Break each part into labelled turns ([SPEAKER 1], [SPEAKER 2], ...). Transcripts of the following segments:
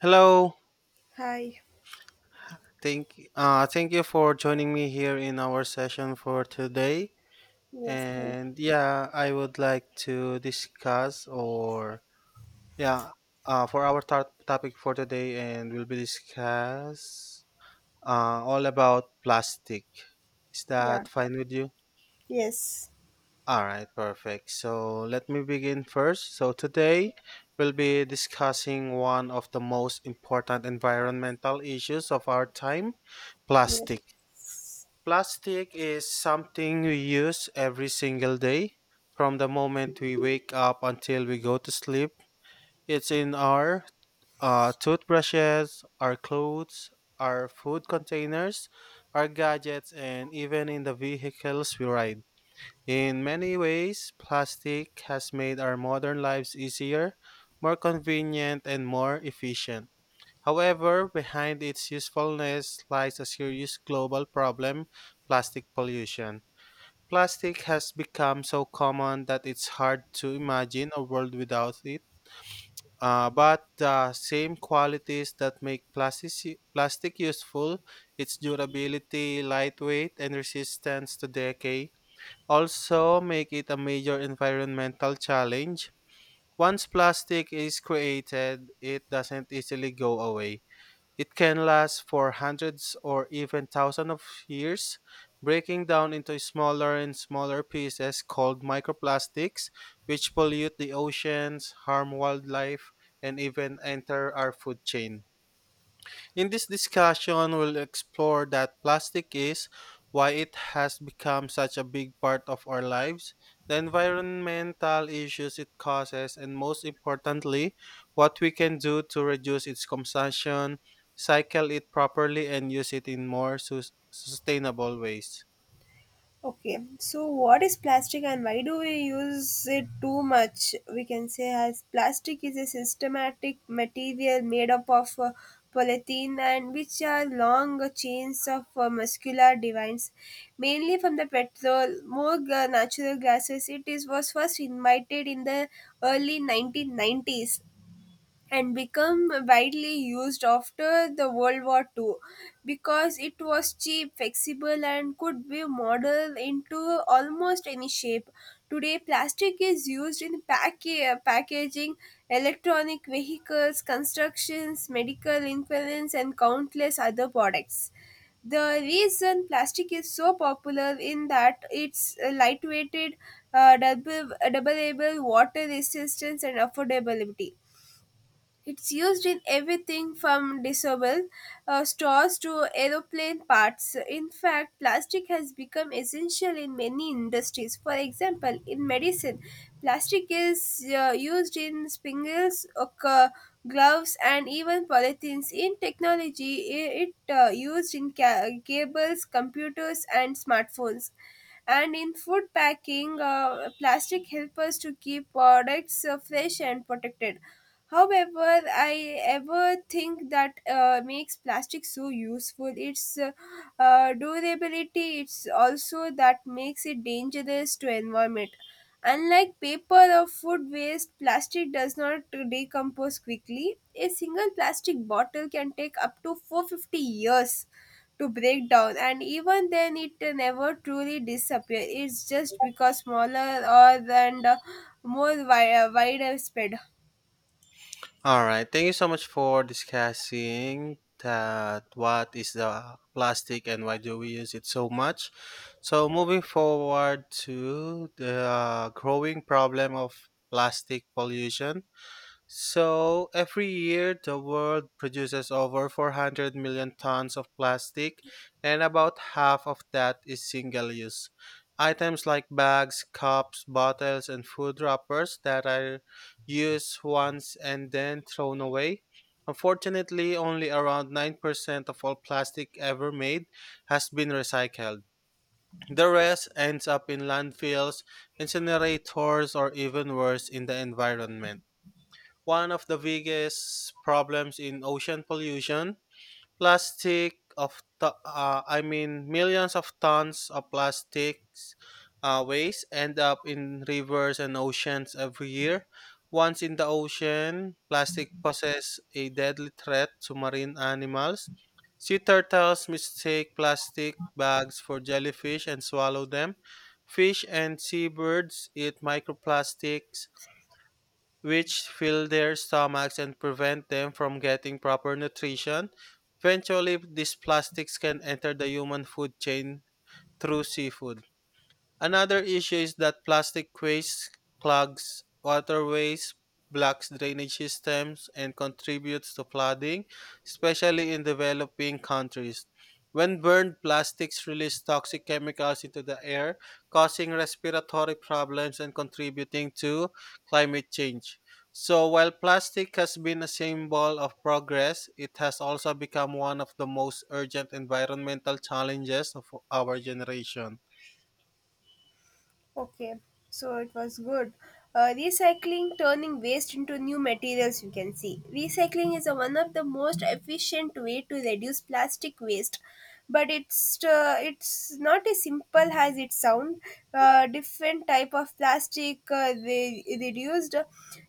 [SPEAKER 1] Hello.
[SPEAKER 2] Hi.
[SPEAKER 1] Thank you for joining me here in our session for today.
[SPEAKER 2] Yes.
[SPEAKER 1] And yeah, I would like to discuss yeah, for our topic for today and we'll be discuss all about plastic. Is
[SPEAKER 2] Yeah.
[SPEAKER 1] that fine with you?
[SPEAKER 2] Yes.
[SPEAKER 1] All right, perfect. So let me begin first. So today we'll be discussing one of the most important environmental issues of our time, plastic.
[SPEAKER 2] Yes.
[SPEAKER 1] Plastic is something we use every single day. From the moment we wake up until we go to sleep, it's in our toothbrushes, our clothes, our food containers, our gadgets, and even in the vehicles we ride. In many ways, plastic has made our modern lives easier, more convenient, and more efficient. However, behind its usefulness lies a serious global problem, plastic pollution. Plastic has become so common that it's hard to imagine a world without it. But the same qualities that make plastic useful, its durability, lightweight, and resistance to decay, also make it a major environmental challenge. Once plastic is created, it doesn't easily go away. It can last for hundreds or even thousands of years, breaking down into smaller and smaller pieces called microplastics, which pollute the oceans, harm wildlife, and even enter our food chain. In this discussion, we'll explore that plastic is, why it has become such a big part of our lives, the environmental issues it causes, and most importantly, what we can do to reduce its consumption, cycle it properly, and use it in more sustainable ways.
[SPEAKER 2] Okay. So, what is plastic and why do we use it too much? We can say as plastic is a systematic material made up of polythene and which are long chains of muscular divines, mainly from the petrol, natural gases. It is was first invited in the early 1990s and become widely used after the World War II because it was cheap, flexible, and could be modeled into almost any shape. Today, plastic is used in packaging, electronic vehicles, constructions, medical implements, and countless other products. The reason plastic is so popular in that it's lightweighted, double water resistance, and affordability. It's used in everything from disposable straws to aeroplane parts. In fact, plastic has become essential in many industries. For example, in medicine, plastic is used in spangles, gloves, and even polythenes. In technology, it used in cables, computers, and smartphones, and in food packing plastic helps us to keep products fresh and protected. However, I ever think that makes plastic so useful. Its durability. It's also that makes it dangerous to environment. Unlike paper or food waste, plastic does not decompose quickly. A single plastic bottle can take up to 450 years to break down, and even then it never truly disappears. It's just because smaller or and more wider spread.
[SPEAKER 1] All right. Thank you so much for discussing that what is the plastic and why do we use it so much. So moving forward to the growing problem of plastic pollution. So, every year, the world produces over 400 million tons of plastic, and about half of that is single use. Items like bags, cups, bottles, and food wrappers that are used once and then thrown away. Unfortunately, only around 9% of all plastic ever made has been recycled. The rest ends up in landfills, incinerators, or even worse, in the environment. One of the biggest problems in ocean pollution, plastic of t- I mean millions of tons of plastics waste end up in rivers and oceans every year. Once in the ocean, plastic poses a deadly threat to marine animals. Sea turtles mistake plastic bags for jellyfish and swallow them. Fish and seabirds eat microplastics which fill their stomachs and prevent them from getting proper nutrition. Eventually, these plastics can enter the human food chain through seafood. Another issue is that plastic waste clogs waterways, blocks drainage systems, and contributes to flooding, especially in developing countries. When burned, plastics release toxic chemicals into the air, causing respiratory problems and contributing to climate change. So, while plastic has been a symbol of progress, it has also become one of the most urgent environmental challenges of our generation.
[SPEAKER 2] Okay, so it was good. Recycling, turning waste into new materials, you can see. Recycling is one of the most efficient way to reduce plastic waste, but it's not as simple as it sounds. Different type of plastic reduced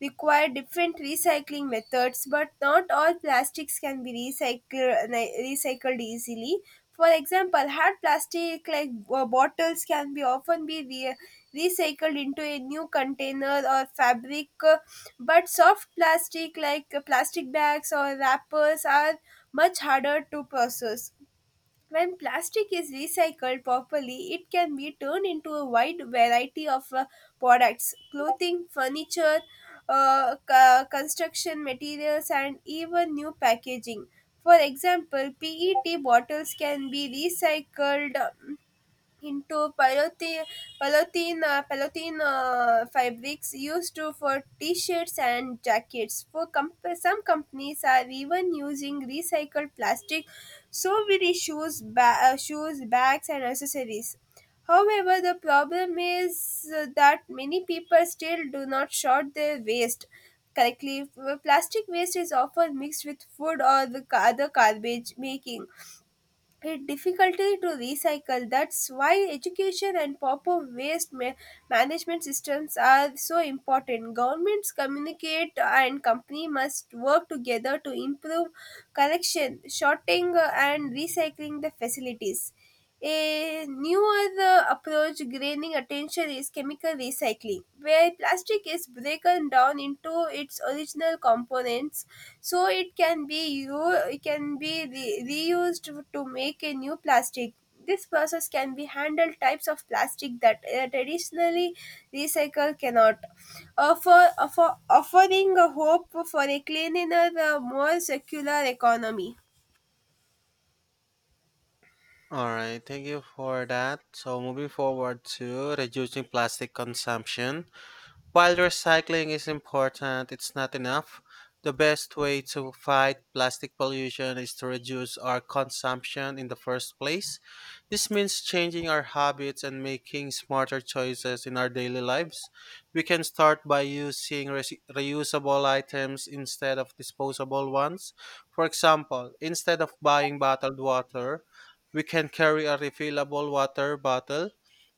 [SPEAKER 2] require different recycling methods, but not all plastics can be recycled easily. For example, hard plastic like bottles can be often be recycled into a new container or fabric, but soft plastic like plastic bags or wrappers are much harder to process. When plastic is recycled properly, it can be turned into a wide variety of products: clothing, furniture, construction materials, and even new packaging. For example, PET bottles can be recycled into polythene fabrics used to for t-shirts and jackets. Some companies are even using recycled plastic, so will issues, shoes, bags, and accessories. However, the problem is that many people still do not sort their waste correctly. Plastic waste is often mixed with food or other garbage, making it difficulty to recycle. That's why education and proper management systems are so important. Governments communicate and company must work together to improve collection, sorting, and recycling the facilities. A newer approach gaining attention is chemical recycling, where plastic is broken down into its original components, so it can be u- it can be re- reused to make a new plastic. This process can be handled types of plastic that traditionally recycle cannot, offering a hope for a cleaner, more circular economy.
[SPEAKER 1] All right, thank you for that. So, moving forward to reducing plastic consumption. While recycling is important, it's not enough. The best way to fight plastic pollution is to reduce our consumption in the first place. This means changing our habits and making smarter choices in our daily lives. We can start by using reusable items instead of disposable ones. For example, instead of buying bottled water, we can carry a refillable water bottle.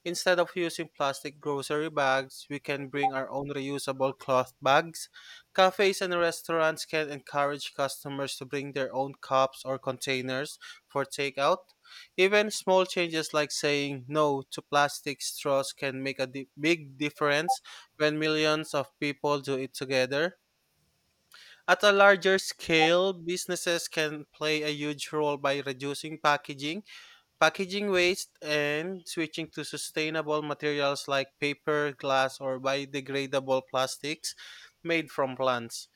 [SPEAKER 1] Instead of using plastic grocery bags, we can bring our own reusable cloth bags. Cafes and restaurants can encourage customers to bring their own cups or containers for takeout. Even small changes like saying no to plastic straws can make a big difference when millions of people do it together. At a larger scale, businesses can play a huge role by reducing packaging waste and switching to sustainable materials like paper, glass, or biodegradable plastics made from plants.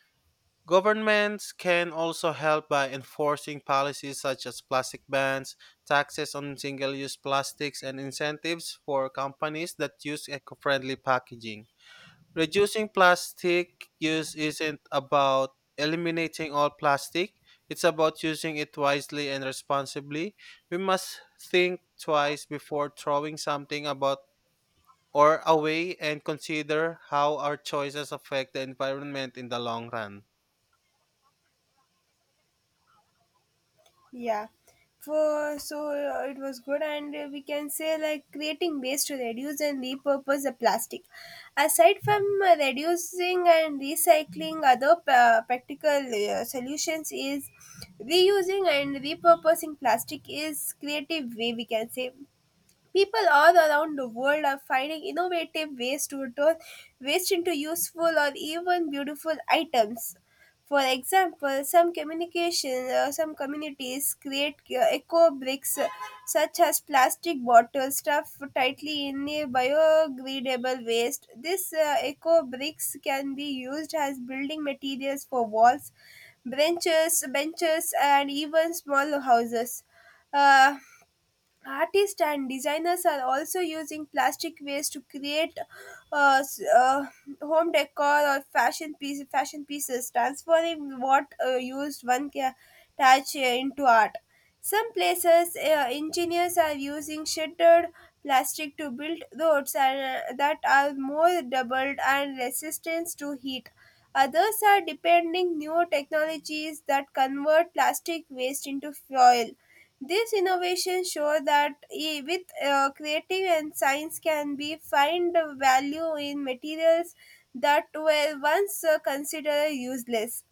[SPEAKER 1] Governments can also help by enforcing policies such as plastic bans, taxes on single use plastics, and incentives for companies that use eco friendly packaging. Reducing plastic use isn't about eliminating all plastic, it's about using it wisely and responsibly. We must think twice before throwing something about or away and consider how our choices affect the environment in the long run.
[SPEAKER 2] Yeah. For so it was good, and we can say like creating ways to reduce and repurpose the plastic. Aside from reducing and recycling, other practical solutions is reusing and repurposing plastic is creative way, we can say. People all around the world are finding innovative ways to turn waste into useful or even beautiful items. For example, some communities create eco bricks, such as plastic bottles stuffed tightly in a biodegradable waste. These eco bricks can be used as building materials for walls, benches, and even small houses. Uh, Artists and designers are also using plastic waste to create uh, s- uh, home decor or fashion pieces, transforming what used one can touch into art. Some places, engineers are using shattered plastic to build roads, and that are more doubled and resistant to heat. Others are depending new technologies that convert plastic waste into fuel. These innovations show that with creative and science can be find value in materials that were once considered useless.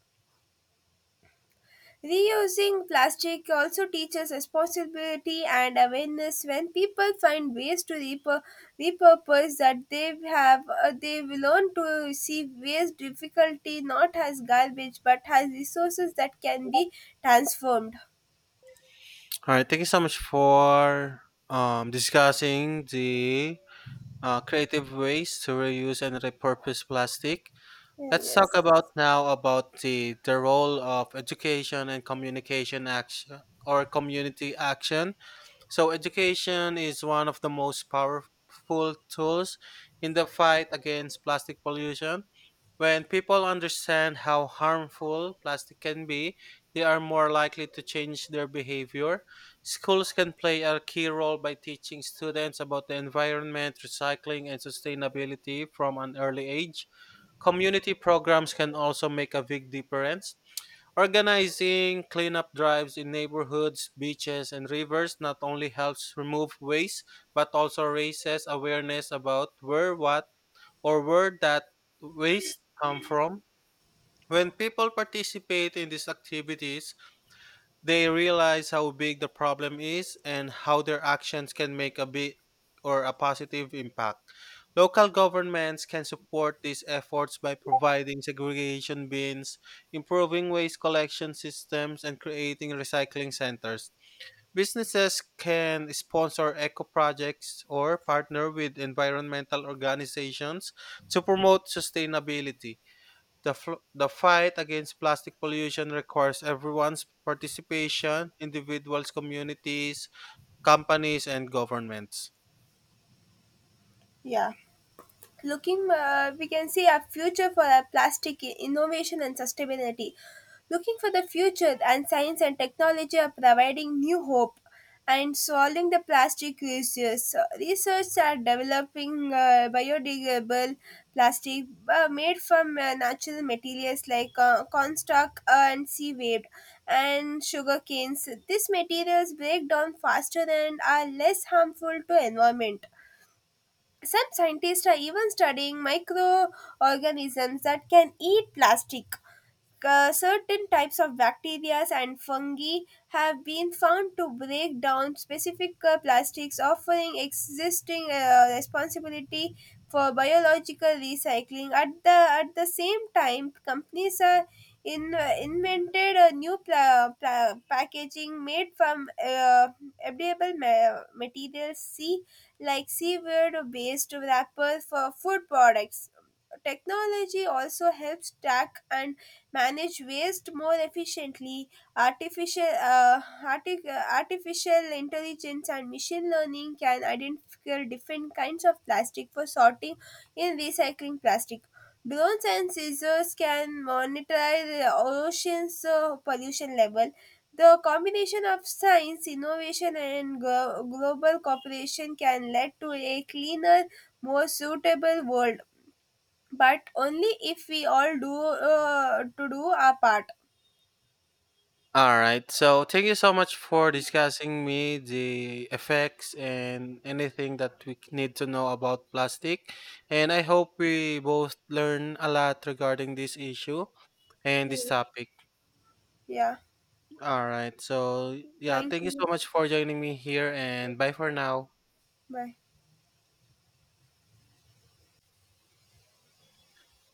[SPEAKER 2] Reusing plastic also teaches responsibility and awareness. When people find ways to repurpose that they have, they will learn to see waste difficulty not as garbage but as resources that can be transformed.
[SPEAKER 1] All right, thank you so much for discussing the creative ways to reuse and repurpose plastic. Let's talk
[SPEAKER 2] Yes.
[SPEAKER 1] about now about the role of education and communication action or community action. So education is one of the most powerful tools in the fight against plastic pollution. When people understand how harmful plastic can be, they are more likely to change their behavior. Schools can play a key role by teaching students about the environment, recycling, and sustainability from an early age. Community programs can also make a big difference. Organizing cleanup drives in neighborhoods, beaches, and rivers not only helps remove waste, but also raises awareness about where what or where that waste come from. When people participate in these activities, they realize how big the problem is and how their actions can make a big or a positive impact. Local governments can support these efforts by providing segregation bins, improving waste collection systems, and creating recycling centers. Businesses can sponsor eco projects or partner with environmental organizations to promote sustainability. The fight against plastic pollution requires everyone's participation, individuals, communities, companies, and governments.
[SPEAKER 2] Yeah. Looking, we can see a future for a plastic innovation and sustainability. Looking for the future, and science and technology are providing new hope and solving the plastic issues. So, research are developing biodegradable plastic made from natural materials like cornstalk, and seaweed and sugar canes. These materials break down faster and are less harmful to environment. Some scientists are even studying microorganisms that can eat plastic. Certain types of bacteria and fungi have been found to break down specific plastics, offering existing responsibility for biological recycling. At the same time, companies are invented a new packaging made from edible materials, see like seaweed-based wrapper for food products. Technology also helps track and manage waste more efficiently. Artificial intelligence and machine learning can identify different kinds of plastic for sorting in recycling plastic. Drones and scissors can monitor the ocean's pollution level. The combination of science, innovation, and global cooperation can lead to a cleaner, more suitable world, but only if we all do to do our part.
[SPEAKER 1] All right. So thank you so much for discussing me the effects and anything that we need to know about plastic. And I hope we both learn a lot regarding this issue and
[SPEAKER 2] yeah,
[SPEAKER 1] this topic.
[SPEAKER 2] yeah.
[SPEAKER 1] All right. So yeah,
[SPEAKER 2] Thank
[SPEAKER 1] thank you
[SPEAKER 2] you.
[SPEAKER 1] so much for joining me here and bye for now.
[SPEAKER 2] Bye.